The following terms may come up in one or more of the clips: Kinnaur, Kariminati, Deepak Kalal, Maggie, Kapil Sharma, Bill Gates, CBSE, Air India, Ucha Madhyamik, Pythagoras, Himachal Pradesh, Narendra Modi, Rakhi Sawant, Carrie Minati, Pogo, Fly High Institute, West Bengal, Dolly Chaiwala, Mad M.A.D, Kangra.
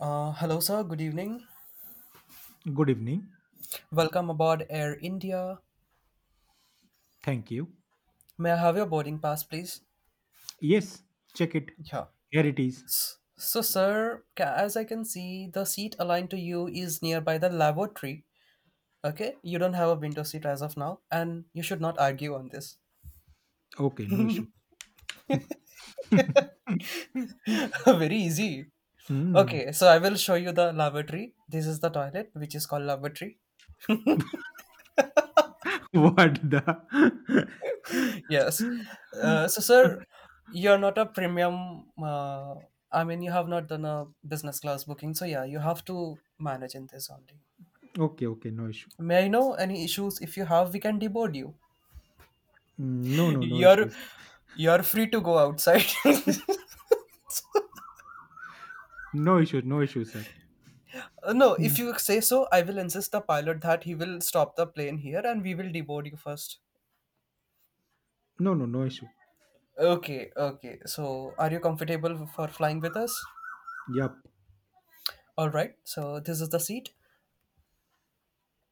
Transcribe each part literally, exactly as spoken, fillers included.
Uh, hello, sir. Good evening. Good evening. Welcome aboard Air India. Thank you. May I have your boarding pass, please? Yes, check it. Yeah. Here it is. So, sir, ca- as I can see, the seat aligned to you is nearby the lavatory. Okay? You don't have a window seat as of now, and you should not argue on this. Okay, no issue. Very easy. Hmm. Okay, so I will show you the lavatory. This is the toilet, which is called lavatory. What the? Yes. Uh, so, sir, you're not a premium. Uh, I mean, you have not done a business class booking. So, yeah, you have to manage in this only. Okay, okay, no issue. May I know any issues? If you have, we can deboard you. Mm, No, no, no You're issues. you're free to go outside. No issues, no issues, sir. Uh, no, if Mm, you say so, I will insist the pilot that he will stop the plane here and we will deboard you first. No, no, no issue. Okay, okay. So, are you comfortable for flying with us? Yup. All right. So, this is the seat.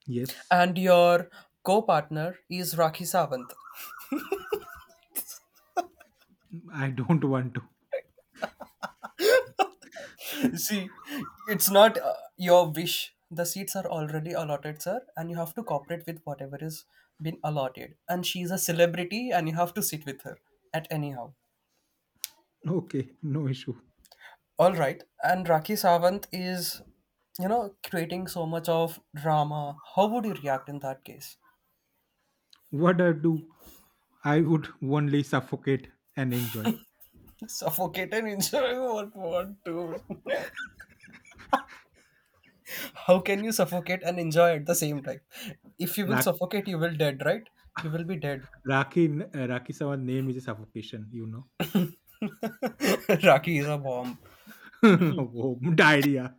Yes, And your co partner is Rakhi Sawant. I don't want to. See, it's not uh, your wish. The seats are already allotted, sir, and you have to cooperate with whatever is been allotted. And she's a celebrity, and you have to sit with her at anyhow. Okay, no issue. All right. And Rakhi Sawant is, you know, creating so much of drama. How would you react in that case? What I do, I would only suffocate and enjoy. Suffocated, enjoy what, what, dude? How can you suffocate and enjoy at the same time? If you will Raki, suffocate, you will dead, right? You will be dead. Raki, uh, Raki Sawa's name is a suffocation, you know. Raki is a bomb. Oh, diarrhea.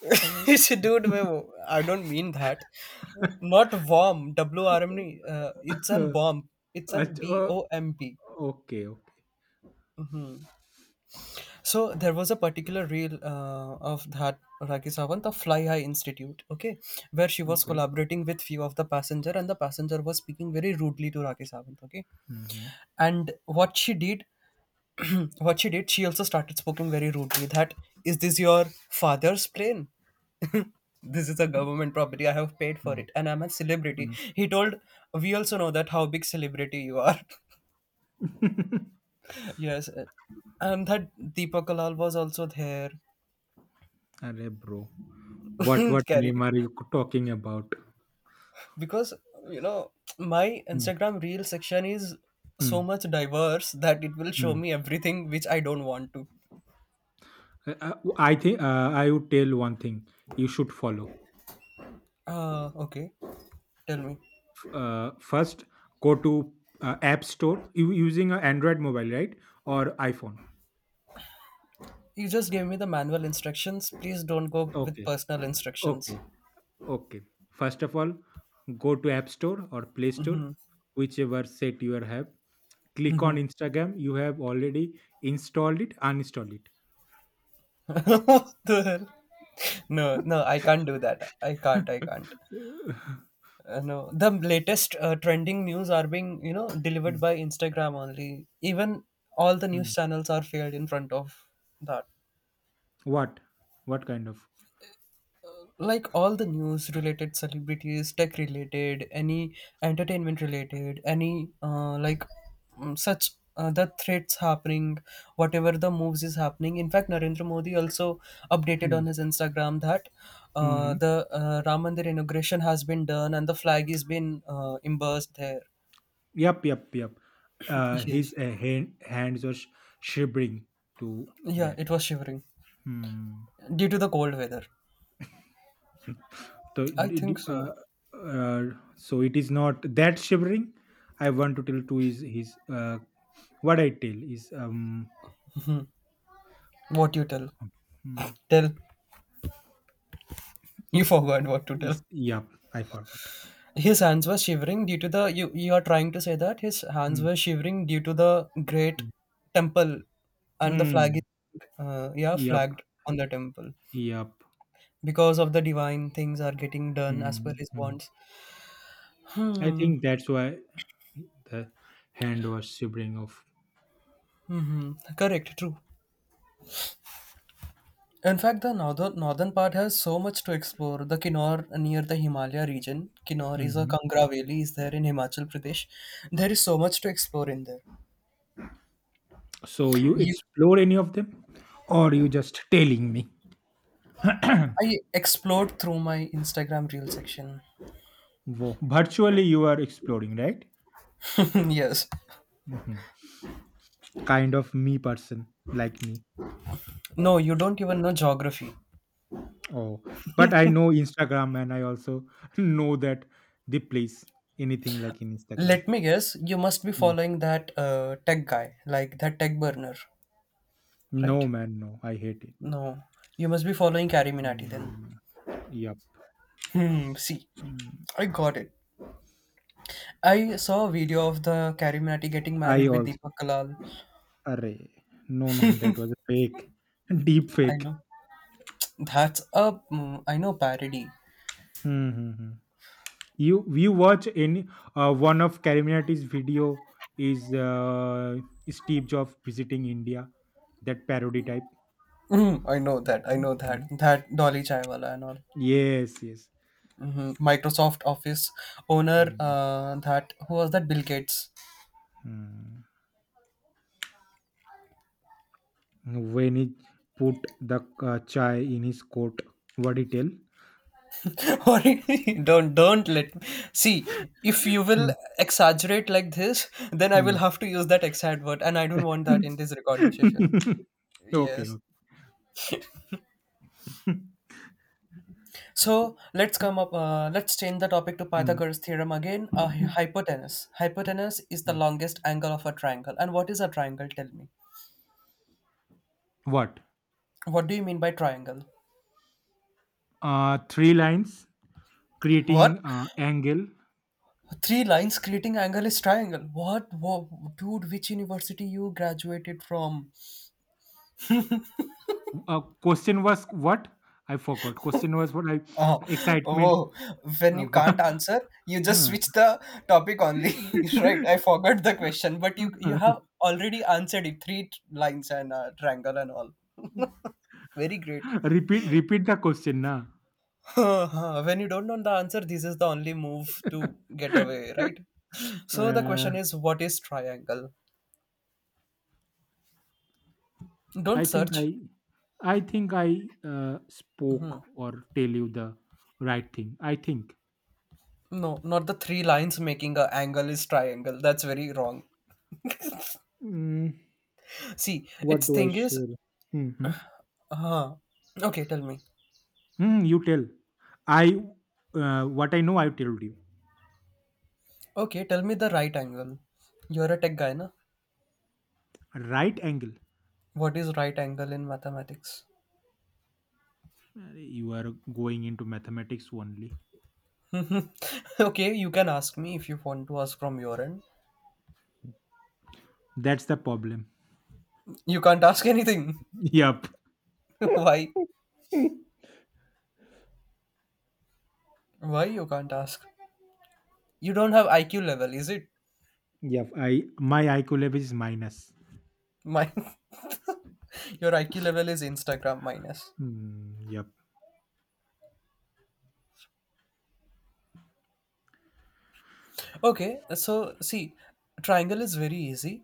Dude, wait, I don't mean that. Not bomb W R M E, uh, it's an bomb, it's an अच्छा, B O M P. ओ- okay okay So there was a particular reel uh, of that Raki Sawant of Fly High Institute, okay, where she was okay. collaborating with few of the passenger and the passenger was speaking very rudely to Raki Sawant, okay. Hmm hmm. And what she did, what she did, she also started speaking very rudely that is this your father's plane. This is a government property, I have paid for hmm, it, and I'm a celebrity. Hmm. He told, we also know that how big celebrity you are. Yes. Uh, and that Deepak Kalal was also there. अरे bro, what what Carrie, name are you talking about? because you know my Hmm, Instagram reel section is so hmm, much diverse that it will show hmm. me everything which I don't want to. Uh, uh, I think, uh, I would tell one thing you should follow. Uh okay, tell me. Uh, first, go to uh, App Store. You using an Android mobile, right, or iPhone? You just gave me the manual instructions. Please don't go with Okay, personal instructions. okay, okay. First of all, go to App Store or Play Store, whichever set you have. Click on Instagram, you have already installed it, uninstall it. What the hell? No, no, I can't do that. I can't. I can't. Uh, no, the latest uh, trending news are being you know delivered Hmm, by Instagram only. Even all the news hmm. channels are failed in front of that. What? What kind of? Like all the news related, celebrities, tech related, any entertainment related, any uh, like mm, such, uh, the threats happening, whatever the moves is happening. In fact, Narendra Modi also updated Hmm, on his Instagram that hmm, uh, hmm. the uh, Ram Mandir inauguration has been done and the flag is been uh, embossed there. Yep, yep, yep. Uh, yes. his uh, hand, hands are sh- shivering to Yeah, that. it was shivering Hmm. due to the cold weather. So, I did think you- so. uh, uh, so it is not that shivering. I want to tell to is his, uh, what I tell is um What you tell Hmm, tell you forgot what to tell. is yep. I forgot. His hands were shivering due to the you you are trying to say that his hands Hmm, were shivering due to the great hmm. temple, and the flag Hmm, is uh, yeah, yep. flagged on the temple Yep. because of the divine things are getting done as per Mhm, his mhm. wants. I Hmm. think that's why the hand was shivering off. Hmm. Correct. True. In fact, the northern northern part has so much to explore. The Kinnaur near the Himalaya region. Kinnaur is a Mhm. Kangra valley. Is there in Himachal Pradesh? There is so much to explore in there. So you You, explore any of them, or you just telling me? I explored through my Instagram reel section. Wo- Virtually, you are exploring, right? Yes. Mhm. Kind of me person like me. No, you don't even know geography. Oh, but I know Instagram, and I also know that they place anything like in Instagram. Let me guess, you must be Mm. following that uh, tech guy, like that tech burner, right? No, man, no, I hate it. No, you must be following Carrie Minati then. Mm, yep. Hmm, see, Mm. I got it. I saw a video of the Carrie Minati getting I married with also. Deepak Kalal. Array. No, no, that was a fake. Deep I fake. know. That's a, mm, I know, parody. Hmm, hmm, hmm. You you watch any, uh, one of Kariminati's video is, uh, Steve Jobs visiting India, that parody type. Mm, I know that. I Hmm, know that. hmm. That Dolly Chaiwala and all. Yes, yes. Hmm. Microsoft Office owner, Hmm, uh, that, who was that? Bill Gates. hmm. When he put the, uh, chai in his coat, what he tell? Or, don't don't let me see. If you will exaggerate like this, then I Hmm, will have to use that exact word, and I don't want that hmm. in this recording session. Okay, Yes. okay. So let's come up, uh, let's change the topic to Hmm, Pythagoras theorem again. Uh, hy- hypotenuse hypotenuse is the hmm. longest angle of a triangle. And what is a triangle? Tell me. What? What do you mean by triangle? Uh, three lines What, creating uh, angle. three lines creating angle is triangle? What, what dude, which university you graduated from? Uh, question was what? I forgot. Question was what? I Oh, excitement. whoa. When Uh, you can't wha- answer, you just huh. switch the topic only. Right, I forgot the question, but you you have already answered it. Three t- lines and uh, triangle and all. Very great. repeat repeat the question now. When you don't know the answer, this is the only move to get uh, away, right? So the question is, what is triangle? Don't I think search. I I think I uh, spoke or tell you the right thing. I think. No, not the three lines making a angle is triangle. That's very wrong. Mm, See, what its do I thing is, share? Hmm. huh? Okay, tell me. Hmm. You tell. I uh, what I know I told you. Okay, tell me the right angle. You're a tech guy, na? Right angle. What is right angle in mathematics? Uh, You are going into mathematics only. Okay, you can ask me if you want to ask from your end. That's the problem. You can't ask anything. Yup. Why? Why you can't ask? You don't have I Q level, is it? Yup. I my I Q level is minus. Mine. Your I Q level is Instagram minus. Mm, yep. Okay, so see, triangle is very easy.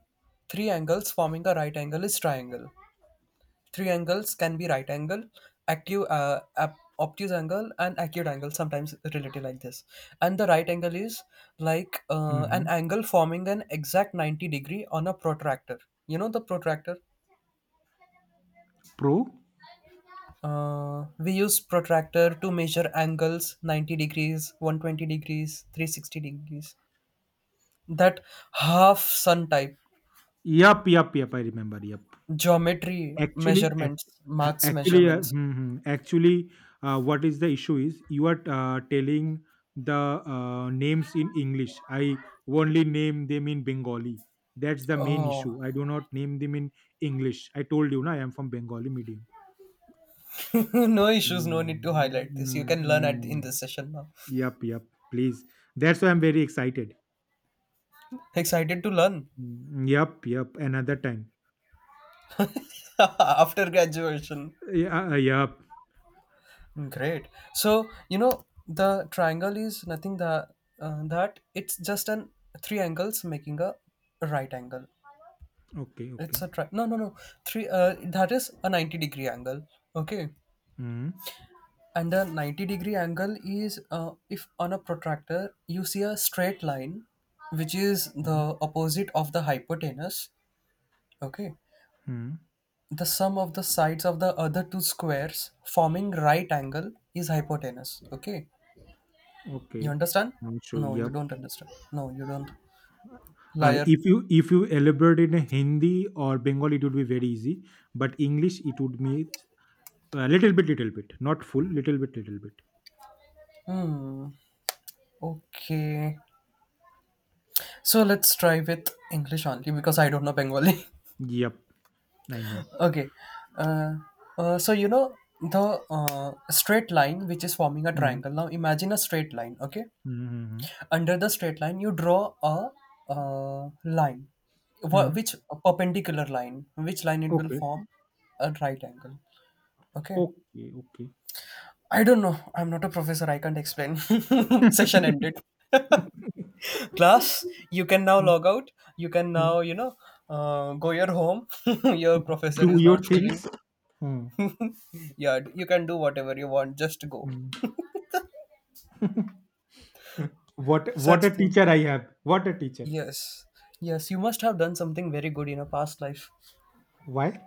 Three angles forming a right angle is triangle. Three angles can be right angle, acute, uh, ap- obtuse angle, and acute angle sometimes related like this. And the right angle is like Hmm, uh, yup. an Mm-hmm. angle forming an exact ninety degree on a protractor. You know the protractor? Pro. Uh, we use protractor to measure angles: ninety degrees, one hundred twenty degrees, three hundred sixty degrees. That half sun type. Yup. Yup. Yup. I remember. Yup. Geometry Actually, act- measurements, ha- marks, actually, uh, measurements. hmm, hmm. actually, uh, what is the issue is you are, uh, telling the, uh, names in English. I only name them in Bengali. That's the main Oh. issue. I do not name them in English. I told you, na, I am from Bengali medium. No issues, no need to highlight this. You can learn at in Mm-hmm. this session now. Yep, yep. Please. That's why I'm very excited. Excited to learn Mm, Yep, yep. Another time. after graduation. Yeah, uh, yep. Great. So you know the triangle is nothing that, uh, that it's just an three angles making a right angle. Okay, It's okay. a tri- no no no Three, uh, that is a ninety degree angle. Okay, Mm-hmm. and the ninety degree angle is, uh, if on a protractor you see a straight line, which is Mm-hmm. the opposite of the hypotenuse. Okay. Mm-hmm. The sum of the sides of the other two squares forming right angle is hypotenuse. Okay, you Okay. understand? I'm sure. No, you Yep. don't understand. No, you don't. Uh, Liar. if you if you elaborate in Hindi or Bengali, it would be very easy. But English, it would be a little bit, little bit, not full, little bit, little bit. Hmm. Okay. So let's try with English only because I don't know Bengali. Yep, I know. Okay. Uh, uh, so you know the uh, straight line which is forming a Mm, triangle. Now imagine a straight line. Okay. mm, mm, Under the straight line you draw a uh, line. mm. Wha- Mm, which a perpendicular line, which line it will Okay, form a right angle. Okay. okay, okay. I don't know, I'm not a professor, I can't explain. Session ended. Class, you can now log out. You can now, you know uh, go your home. Your professor Do is your not feeling. things. Mm, Yeah, you can do whatever you want, just go. mm. what what Such a thing. teacher I have! What a teacher! Yes, yes, you must have done something very good in a past life Why?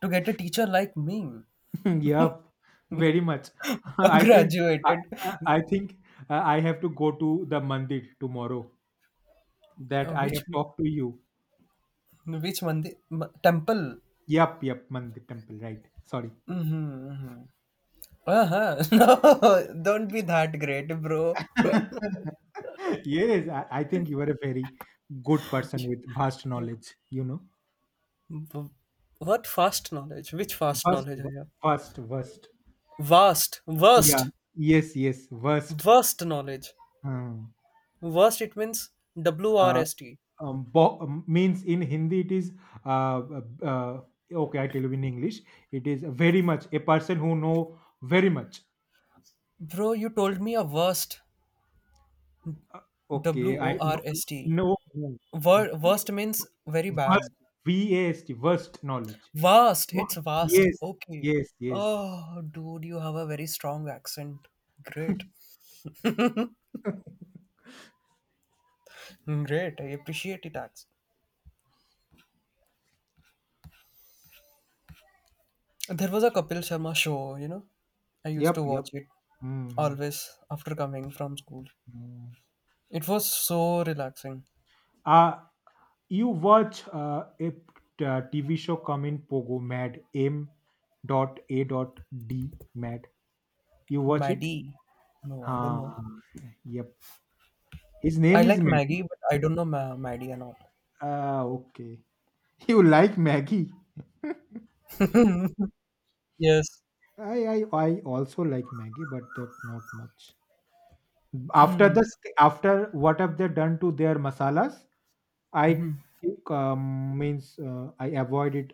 to get a teacher like me. Yep, very much. I think I, Graduated. I I think uh, I have to go to the mandir tomorrow that uh, I have which talked to you. which mandir, m- temple? Yep, yep, mandir temple, right. Sorry. Mm-hmm. Mm-hmm. Uh-huh. No, don't be that great, bro. Yes, I, I think you are a very good person with vast knowledge, you know. W- what fast knowledge, which fast Vast, knowledge I have? vast, vast. Vast. Yeah. Worst. Yes, yes, vast. Worst knowledge. Hmm. Worst, it means w r Uh, s t. um, bo- um, means in Hindi it is, uh, uh, uh, okay. I tell you in English, it is very much a person who know very much. Bro, you told me a worst, Uh, w okay, o I r know. s t. No, no. Wor- vast, Worst means very bad. vast, V A S T, vast knowledge. Vast, Oh, it's vast. yes, Okay. yes, yes. Oh, dude, you have a very strong accent. Great. Great. I appreciate it, Ax. There was a Kapil Sharma show, you know. I used to Yep, yep. watch it Mm-hmm. always after coming from school. Mm-hmm. It was so relaxing. Uh, you watch, uh, a, uh, T V show come in Pogo Mad M dot A dot D Mad. You watch it? Maddie. No, I don't know. Ah, yep. His I name is like Maggie, Maggie. but I don't know Ma- Maddie and all. Ah, okay. You like Maggie? Yes. I, I I also like Maggie, but that not much. After this, after what have they done to their masalas? I um, means, uh, I avoid it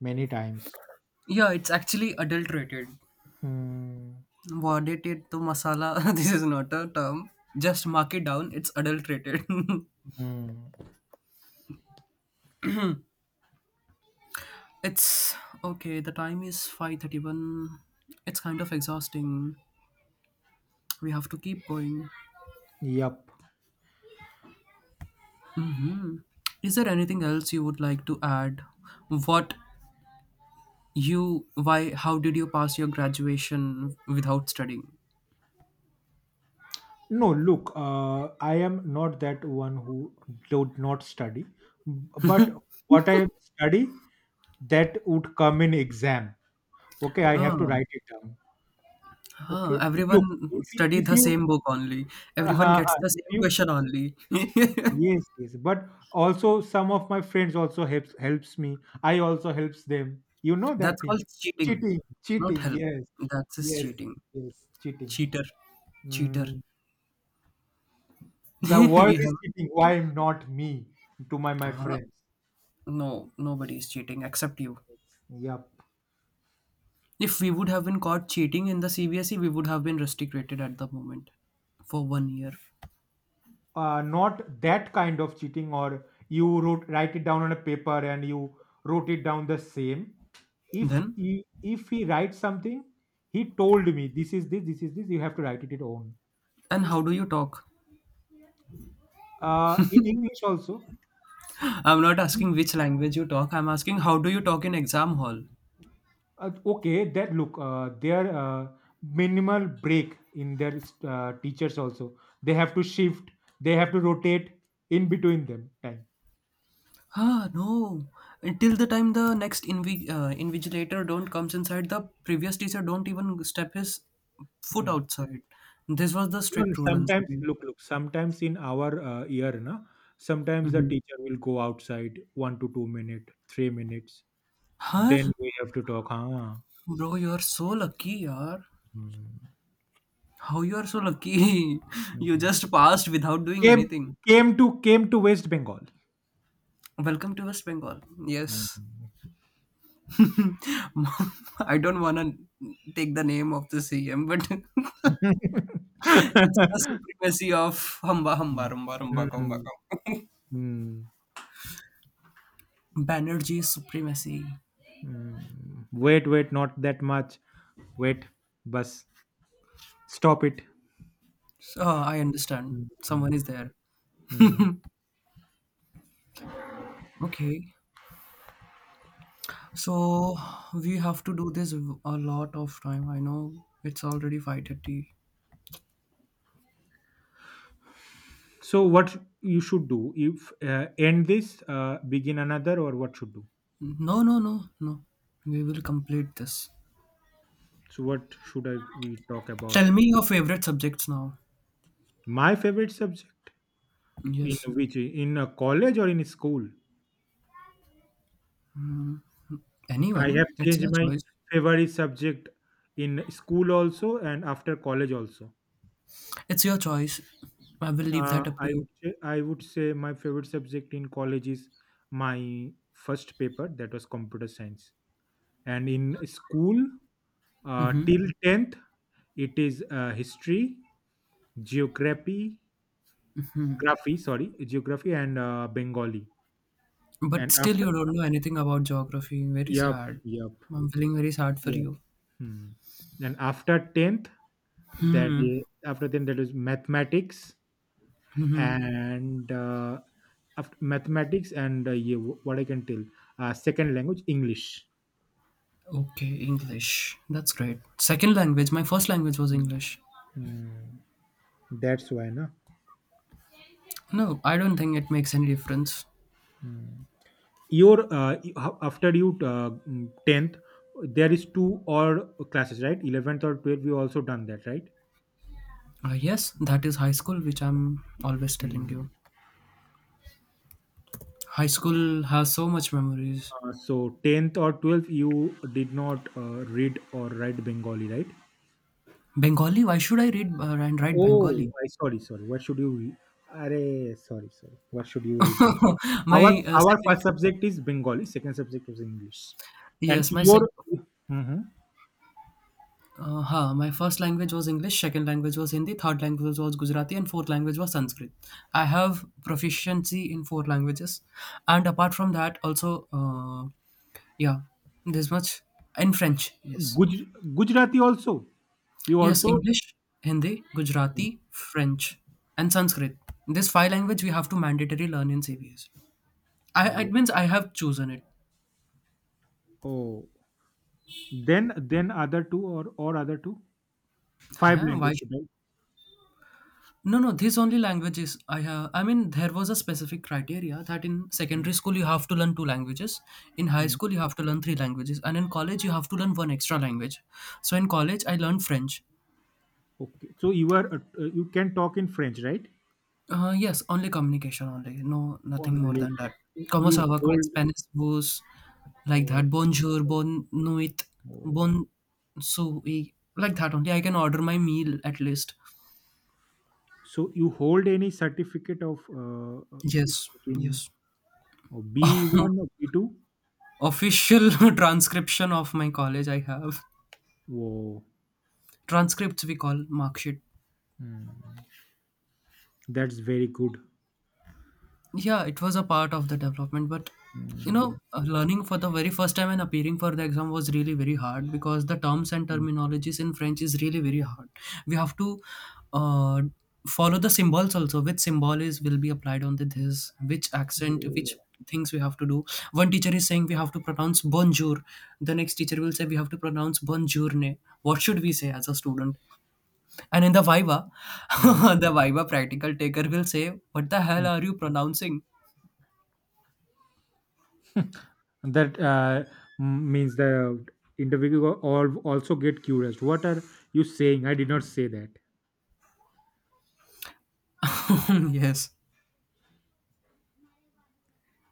many times. Yeah, it's actually adulterated. Hmm. What it to masala. This is not a term. Just mark it down. It's adulterated. Hmm. It's okay. The time is five thirty-one. It's kind of exhausting. We have to keep going. Yep. Is there anything else you would like to add? What you, why, how did you pass your graduation without studying? No, look, uh, I am not that one who do not study, but what I study that would come in exam. Okay, I have to Oh, write it down. huh. Okay, Everyone look, if you, study if the you, same book only. Everyone uh, gets the if same you, question only. yes, yes, but also some of my friends also helps helps me. I also helps them. You know That's that called thing, cheating. cheating, Not cheating. help. Yes, That's just yes, cheating. yes, cheating. Cheater. Cheater. Mm, the world We have. is cheating. Why not me? To my my Ah, friends. no, nobody is cheating except you. Yep. If we would have been caught cheating in the C B S E, we would have been restricted at the moment for one year. Uh, not that kind of cheating, or you wrote write it down on a paper and you wrote it down the same. if Then, he if he writes something, he told me, this is this. This is this, you have to write it it own, and how do you talk? uh in english also. I'm not asking which language you talk, I'm asking how do you talk in exam hall? Uh, okay, that look, uh, their, uh, minimal break in their, uh, teachers also, they have to shift, they have to rotate in between them time. Ah, no. Until the time the next invi- uh, invigilator don't comes inside, the previous teacher don't even step his foot Mm. outside. This was the No, no, strict rule in sometimes C B S E. look look sometimes in our, uh, year na, sometimes the hmm teacher will go outside, one to two minute three minutes, Huh? then we have to talk, huh? Bro, you are so lucky, yaar. How you are so lucky? You just passed without doing Came anything. came to came to West Bengal. Welcome to West Bengal. Yes. Mhm. I don't want to take the name of the C M, but it's the supremacy of Hamba Hamba Mm. Rumba Rumba Komba Mhm. Komba. Mm. Banerjee's supremacy. Mm. Wait, wait, not that much. Wait, bus. Stop it. So, I understand. Someone Mhm. is there. Mm. Okay. So we have to do this a lot of time. I know it's already five thirty. So what you should do if, uh, end this, uh, begin another, or what should do? No, no, no, no. We will complete this. So what should I we talk about? Tell me your favorite subjects now. My favorite subject, in Yes. which, in a college or in a school? I have Anyone. It's changed your my choice. favorite subject in school also and after college also. It's your choice. I will leave Uh, that up to I you. would say, I would say my favorite subject in college is my first paper that was computer science, and in school, uh, hmm till tenth it is, uh, history, geography, graphy, sorry, geography and, uh, Bengali, But and still, you after, don't know anything about geography. Very yep, sad. yep, I'm feeling very sad for yep. you. Hmm. And after tenth, that Hmm. is after then, that is mathematics, and, uh, after mathematics, and, uh, yeah, wh- what I can tell, uh, second language English. Okay, English. That's great. Second language. My first language was English. Hmm. That's why, na. No, I don't think it makes any difference. Hmm. Your, uh, you- ho- after you, uh, mm, tenth, there is two or classes, right? eleventh or twelfth, you also done that, right? Uh, yes, that is high school, which I'm always telling Hmm. you. High school has so much memories. Uh, so tenth or twelfth, you did not, uh, read or write Bengali, right? Bengali. Why should I read uh, and write Oh, Bengali? I sorry, sorry. What should you? Re- Arey, sorry, sorry. What should you read? our my uh, our first second subject is bengali, second subject is english, and Yes, my second. your. Mhm. Uh, huh, my first language was English, second language was Hindi, third language was Gujarati, and fourth language was Sanskrit. I have proficiency in four languages, and apart from that also, uh, yeah, this much in French. Yes. Guj, gujarati also, you Yes, also. English, Hindi, Gujarati, French, and Sanskrit. This five language we have to mandatory learn in CBS. I, it Mhm. means I have chosen it. Oh, then then other two or or other two, five Huh? Why? language, right. No, no, this only languages I have. I mean, there was a specific criteria that in Mm, secondary school you have to learn two languages, in high mm. school you have to learn three languages, and in college you have to learn one extra language. So in college I learned French. Okay, so you are, uh, you can talk in french, right. Uh, yes, only communication only. No, nothing more Only, than that. Como se you va con hold. Spanish was like Oh, that. Bonjour, oh, bon nuit, oh. bon sui, like that only. I can order my meal at least. So, you hold any certificate of, uh, uh, Yes, speaking, yes. or B one or B two? Official transcription of my college I have. Whoa. Transcripts we call mark sheet. Hmm. That's very good. Yeah, it was a part of the development, but you know, Mm, uh, learning for the very first time and appearing for the exam was really very hard because the terms and mm, terminologies in French is really very hard. We have to, uh, follow the symbols also, which symbol is will be applied on the this, which accent, which things we have to do. One teacher is saying we have to pronounce bonjour, the next teacher will say we have to pronounce bonjourne. What should we say as a student? And in the Viva, mm. the Viva practical taker will say, What the hell Mm. are you pronouncing? That, uh, m- means the interviewer, al- also get curious. What are you saying? I did not say that. Yes.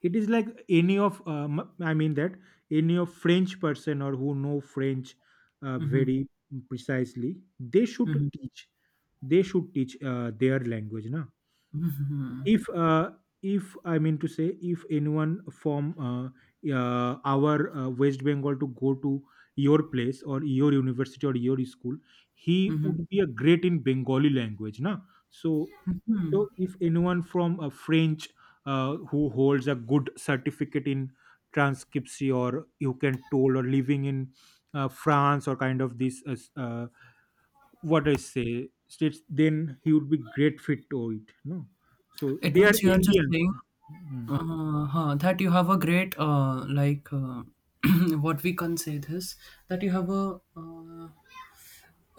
It is like any of, um, I mean, that any of French person or who know French, uh, hmm very precisely, they should hmm teach. They should teach, uh, their language, na. hmm if uh, if I mean to say, if anyone from, uh, uh, our, uh, west bengal to go to your place or your university or your school, he hmm would be a great in bengali language, na. So so hmm if anyone from a french, uh, who holds a good certificate in transcription, or you can told, or living in, uh, france, or kind of this, uh, s- uh, what I say states, then he would be great fit to it. No, so It they are means you are just Indians. saying, Mm, uh, huh, that you have a great, uh, like, uh, what we can say this, that you have a, uh,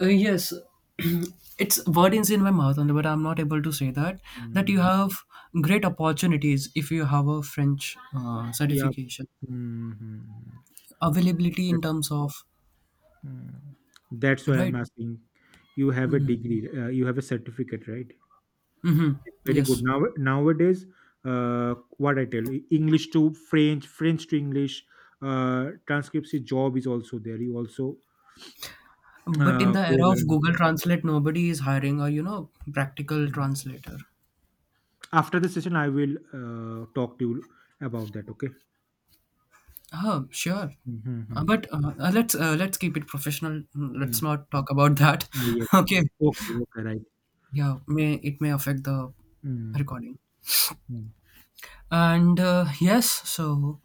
uh, yes, it's word is in my mouth, and but I'm not able to say that, that you mm, have great opportunities if you have a French uh, yeah. certification. Mhm. Availability in That's, terms of mm. That's why I'm right. asking. You have a degree, uh, you have a certificate, right? Mm-hmm. Very good. Yes, Now nowadays, uh, what I tell, English to French, French to English, uh, transcripts job is also there. You also, but in uh, the go era of there. And, Google Translate nobody is hiring a you know practical Mm. translator. After the session, I will, uh, talk to you about that. Okay. Oh, sure. Uh, Mhm. but uh, uh, let's uh, let's keep it professional. Mm, う let's ん、not talk about that. あいや、Okay, 大きく動かない。yeah, may it may affect the うん recording. うん。And uh, yes, so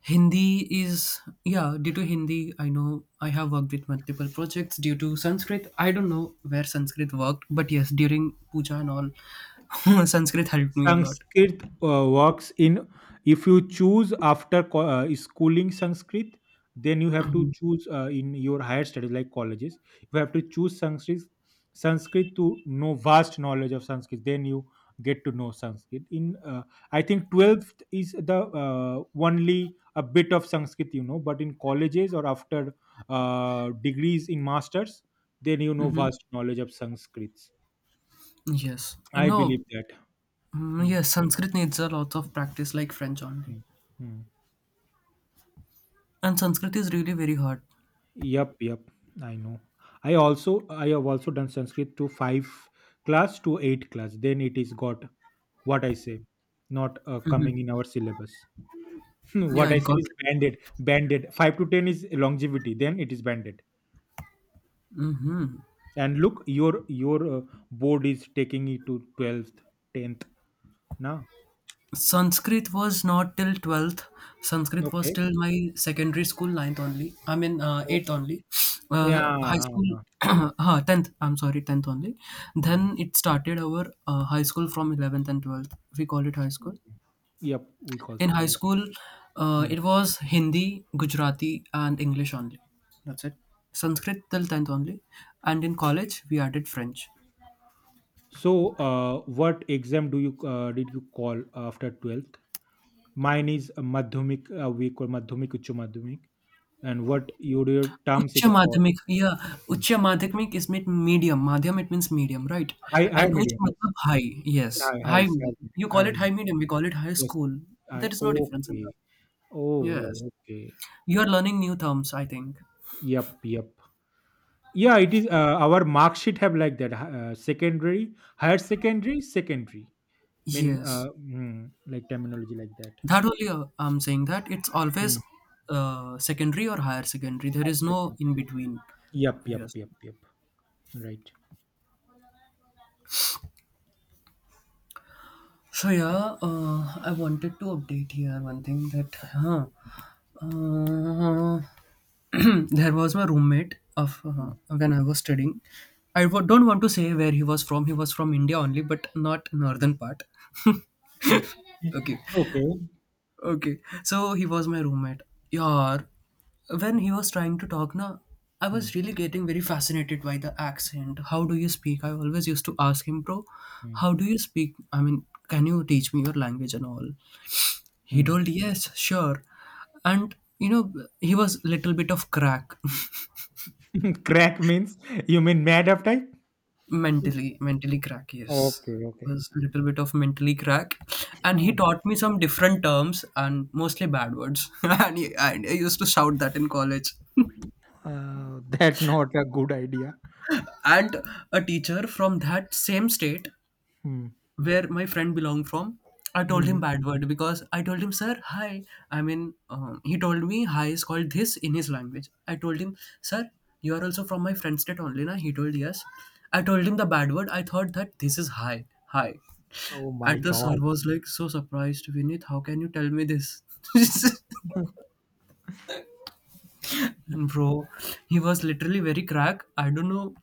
Hindi is, yeah, due to Hindi, I know I have worked with multiple projects due to Sanskrit. I don't know where Sanskrit worked, but yes, during puja and all, Sanskrit helped me a lot. Sanskrit uh, works in if you choose after, co- uh, schooling Sanskrit, then you have to choose, uh, in your higher studies like colleges. You have to choose Sanskrit Sanskrit to know vast knowledge of Sanskrit. Then you get to know Sanskrit. In uh, I think twelfth is the, uh, only a bit of Sanskrit you know, but in colleges or after, uh, degrees in masters, then you know hmm vast knowledge of Sanskrit. Yes. I No, believe that. mm, Hmm, yes, Sanskrit needs a lot of practice like French only. hmm, hmm. And Sanskrit is really very hard. Yep, yep. I know. I also I have also done Sanskrit to five class to eight class. Then it is got, what I say, not, uh, hmm coming in our syllabus. Hmm, Yeah, what I it say got. is banded, banded. Five to ten is longevity. Then it is banded. hmm And look, your your uh, board is taking it to twelfth, tenth. Now, Sanskrit was not till twelfth. Sanskrit was okay, till my secondary school, ninth only. I mean, uh, eighth okay. only. Uh, high Yeah. school, uh, huh, tenth. I'm sorry, tenth only. mm. Then it started our uh, high school from eleventh and twelfth. We call it high school. Yep, we In also high call it. school, uh, Hmm. it was Hindi, Gujarati, and English only. That's it. Sanskrit till tenth only. And in college, we added French. So, uh, what exam do you uh, did you call after twelfth? Mine is a madhyamik, uh, we call madhyamik uccha madhyamik, and what your, your terms Ucha it is called. Madhyamik, yeah. Hmm. Ucha Madhyamik is meant medium. Madhyam, it means medium, right? high high And uch medium, yes. matlab high, yes. High high High, is high, medium, you high call it medium. high medium, we call it high Yes, school. I, There is no difference in okay. that. Yes. Oh, okay. You are learning new terms, I think. Yep, yep. Yeah, it is, uh, our mark sheet have like that, hi- uh, secondary, higher secondary, secondary mean, Yes. uh, mm, like terminology, like that. That only uh, I'm saying that it's always Mm. uh, secondary or higher secondary. There Higher is no second, in between. yep, yep, Yes. yep, yep. Right. So yeah, uh, I wanted to update here one thing that huh, uh, there was my roommate of uh, Mm, when I was studying. I w- don't want to say where he was from. He was from India only, but not mm. northern part. Okay. Okay, Okay. okay, so he was my roommate. Yaar, when he was trying to talk, na, I was Mm, really getting very fascinated by the accent. How do you speak? I always used to ask him, bro, mm, how do you speak? I mean, can you teach me your language and all? He mm. told, yes, sure. And, you know, he was little bit of crack. Crack means, you mean mad of type? Mentally, mentally crack, yes. Okay, okay. Was a little bit of mentally crack, and Hmm. he taught me some different terms and mostly bad words. And, he, and I used to shout that in college. Uh, that not a good idea. And a teacher from that same state Hmm. where my friend belonged from, I told him Hmm. bad word, because I told him sir hi. I mean um, he told me hi is called this in his language. I told him, sir, you are also from my friend state only, na? He told yes. I told him the bad word. I thought that this is hi, hi. Oh my And the sir god. was like so surprised, Vinith, how can you tell me this? And bro, he was literally very crack. I don't know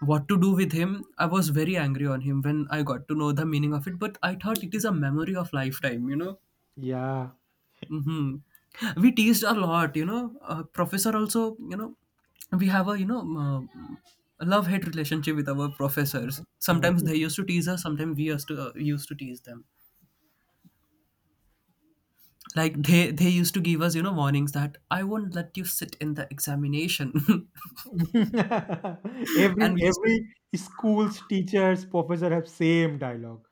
what to do with him. I was very angry on him when I got to know the meaning of it, but I thought it is a memory of lifetime, you know? Yeah. hmm We teased a lot, you know? Uh, professor also, you know, we have a, you know, um, love hate relationship with our professors. Sometimes Hmm. they used to tease us, sometimes we used to, uh, used to tease them like they they used to give us you know warnings that I won't let you sit in the examination. every And we used to. every school's teachers professor have same dialogue.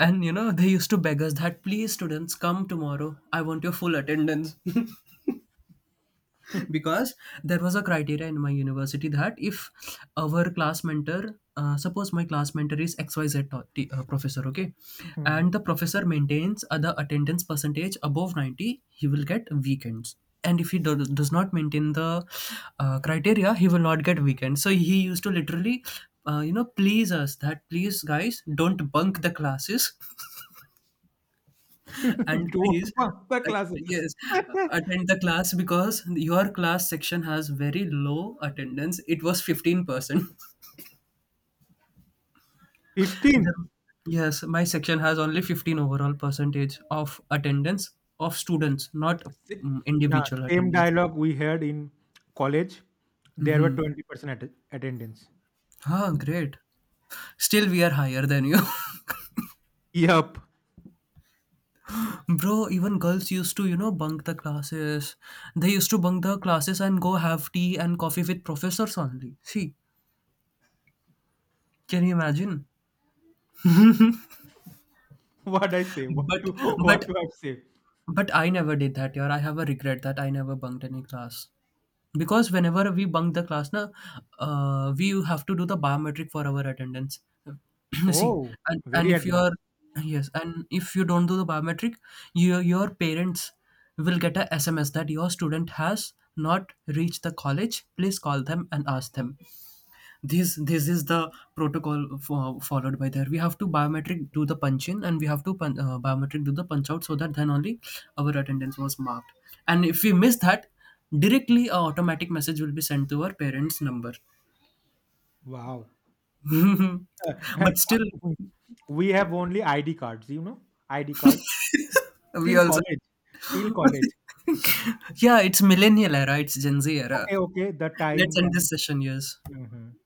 And you know, they used to beg us that please, students, come tomorrow. I want your full attendance. Because there was a criteria in my university that if our class mentor, uh, suppose my class mentor is X Y Z to- t- uh, professor, okay, and Mhm. the professor maintains uh, the attendance percentage above ninety, he will get weekends. And if he do- does not maintain the uh, criteria, he will not get weekends. So he used to literally, uh, you know, please us that please, guys, don't bunk the classes and please, Don't bunk the uh, classes. yes, attend the class because your class section has very low attendance, it was fifteen percent. The, fifteen? yes, my section has only fifteen overall percentage of attendance of students, not Si- mm, yeah, individual same attendance. dialogue we heard in college, there were Mm-hmm. twenty percent att- attendance, Ah, great. Still we are higher than you. yup. Bro, even girls used to you know bunk the classes. They used to bunk the classes and go have tea and coffee with professors only, see. Can you imagine? What I say? What but to what but do I say? But I never did that year. I have a regret that I never bunked any class. Because whenever we bunk the class, na, uh, we have to do the biometric for our attendance. See, Oh, and, very and if you advanced. are, yes, and if you don't do the biometric, your your parents will get a S M S that your student has not reached the college. Please call them and ask them. this this is the protocol for, followed by, there we have to biometric do the punch in and we have to pun, uh, biometric do the punch out so that then only our attendance was marked. And if we miss that, directly a automatic message will be sent to our parents number. Wow. Uh, but hey, still, uh, we have only I D cards, you know, I D cards we till also. college, till college. Yeah, it's millennial era, it's gen z era. Okay, okay. The time, Let's end time. this session. Yes. Mhm.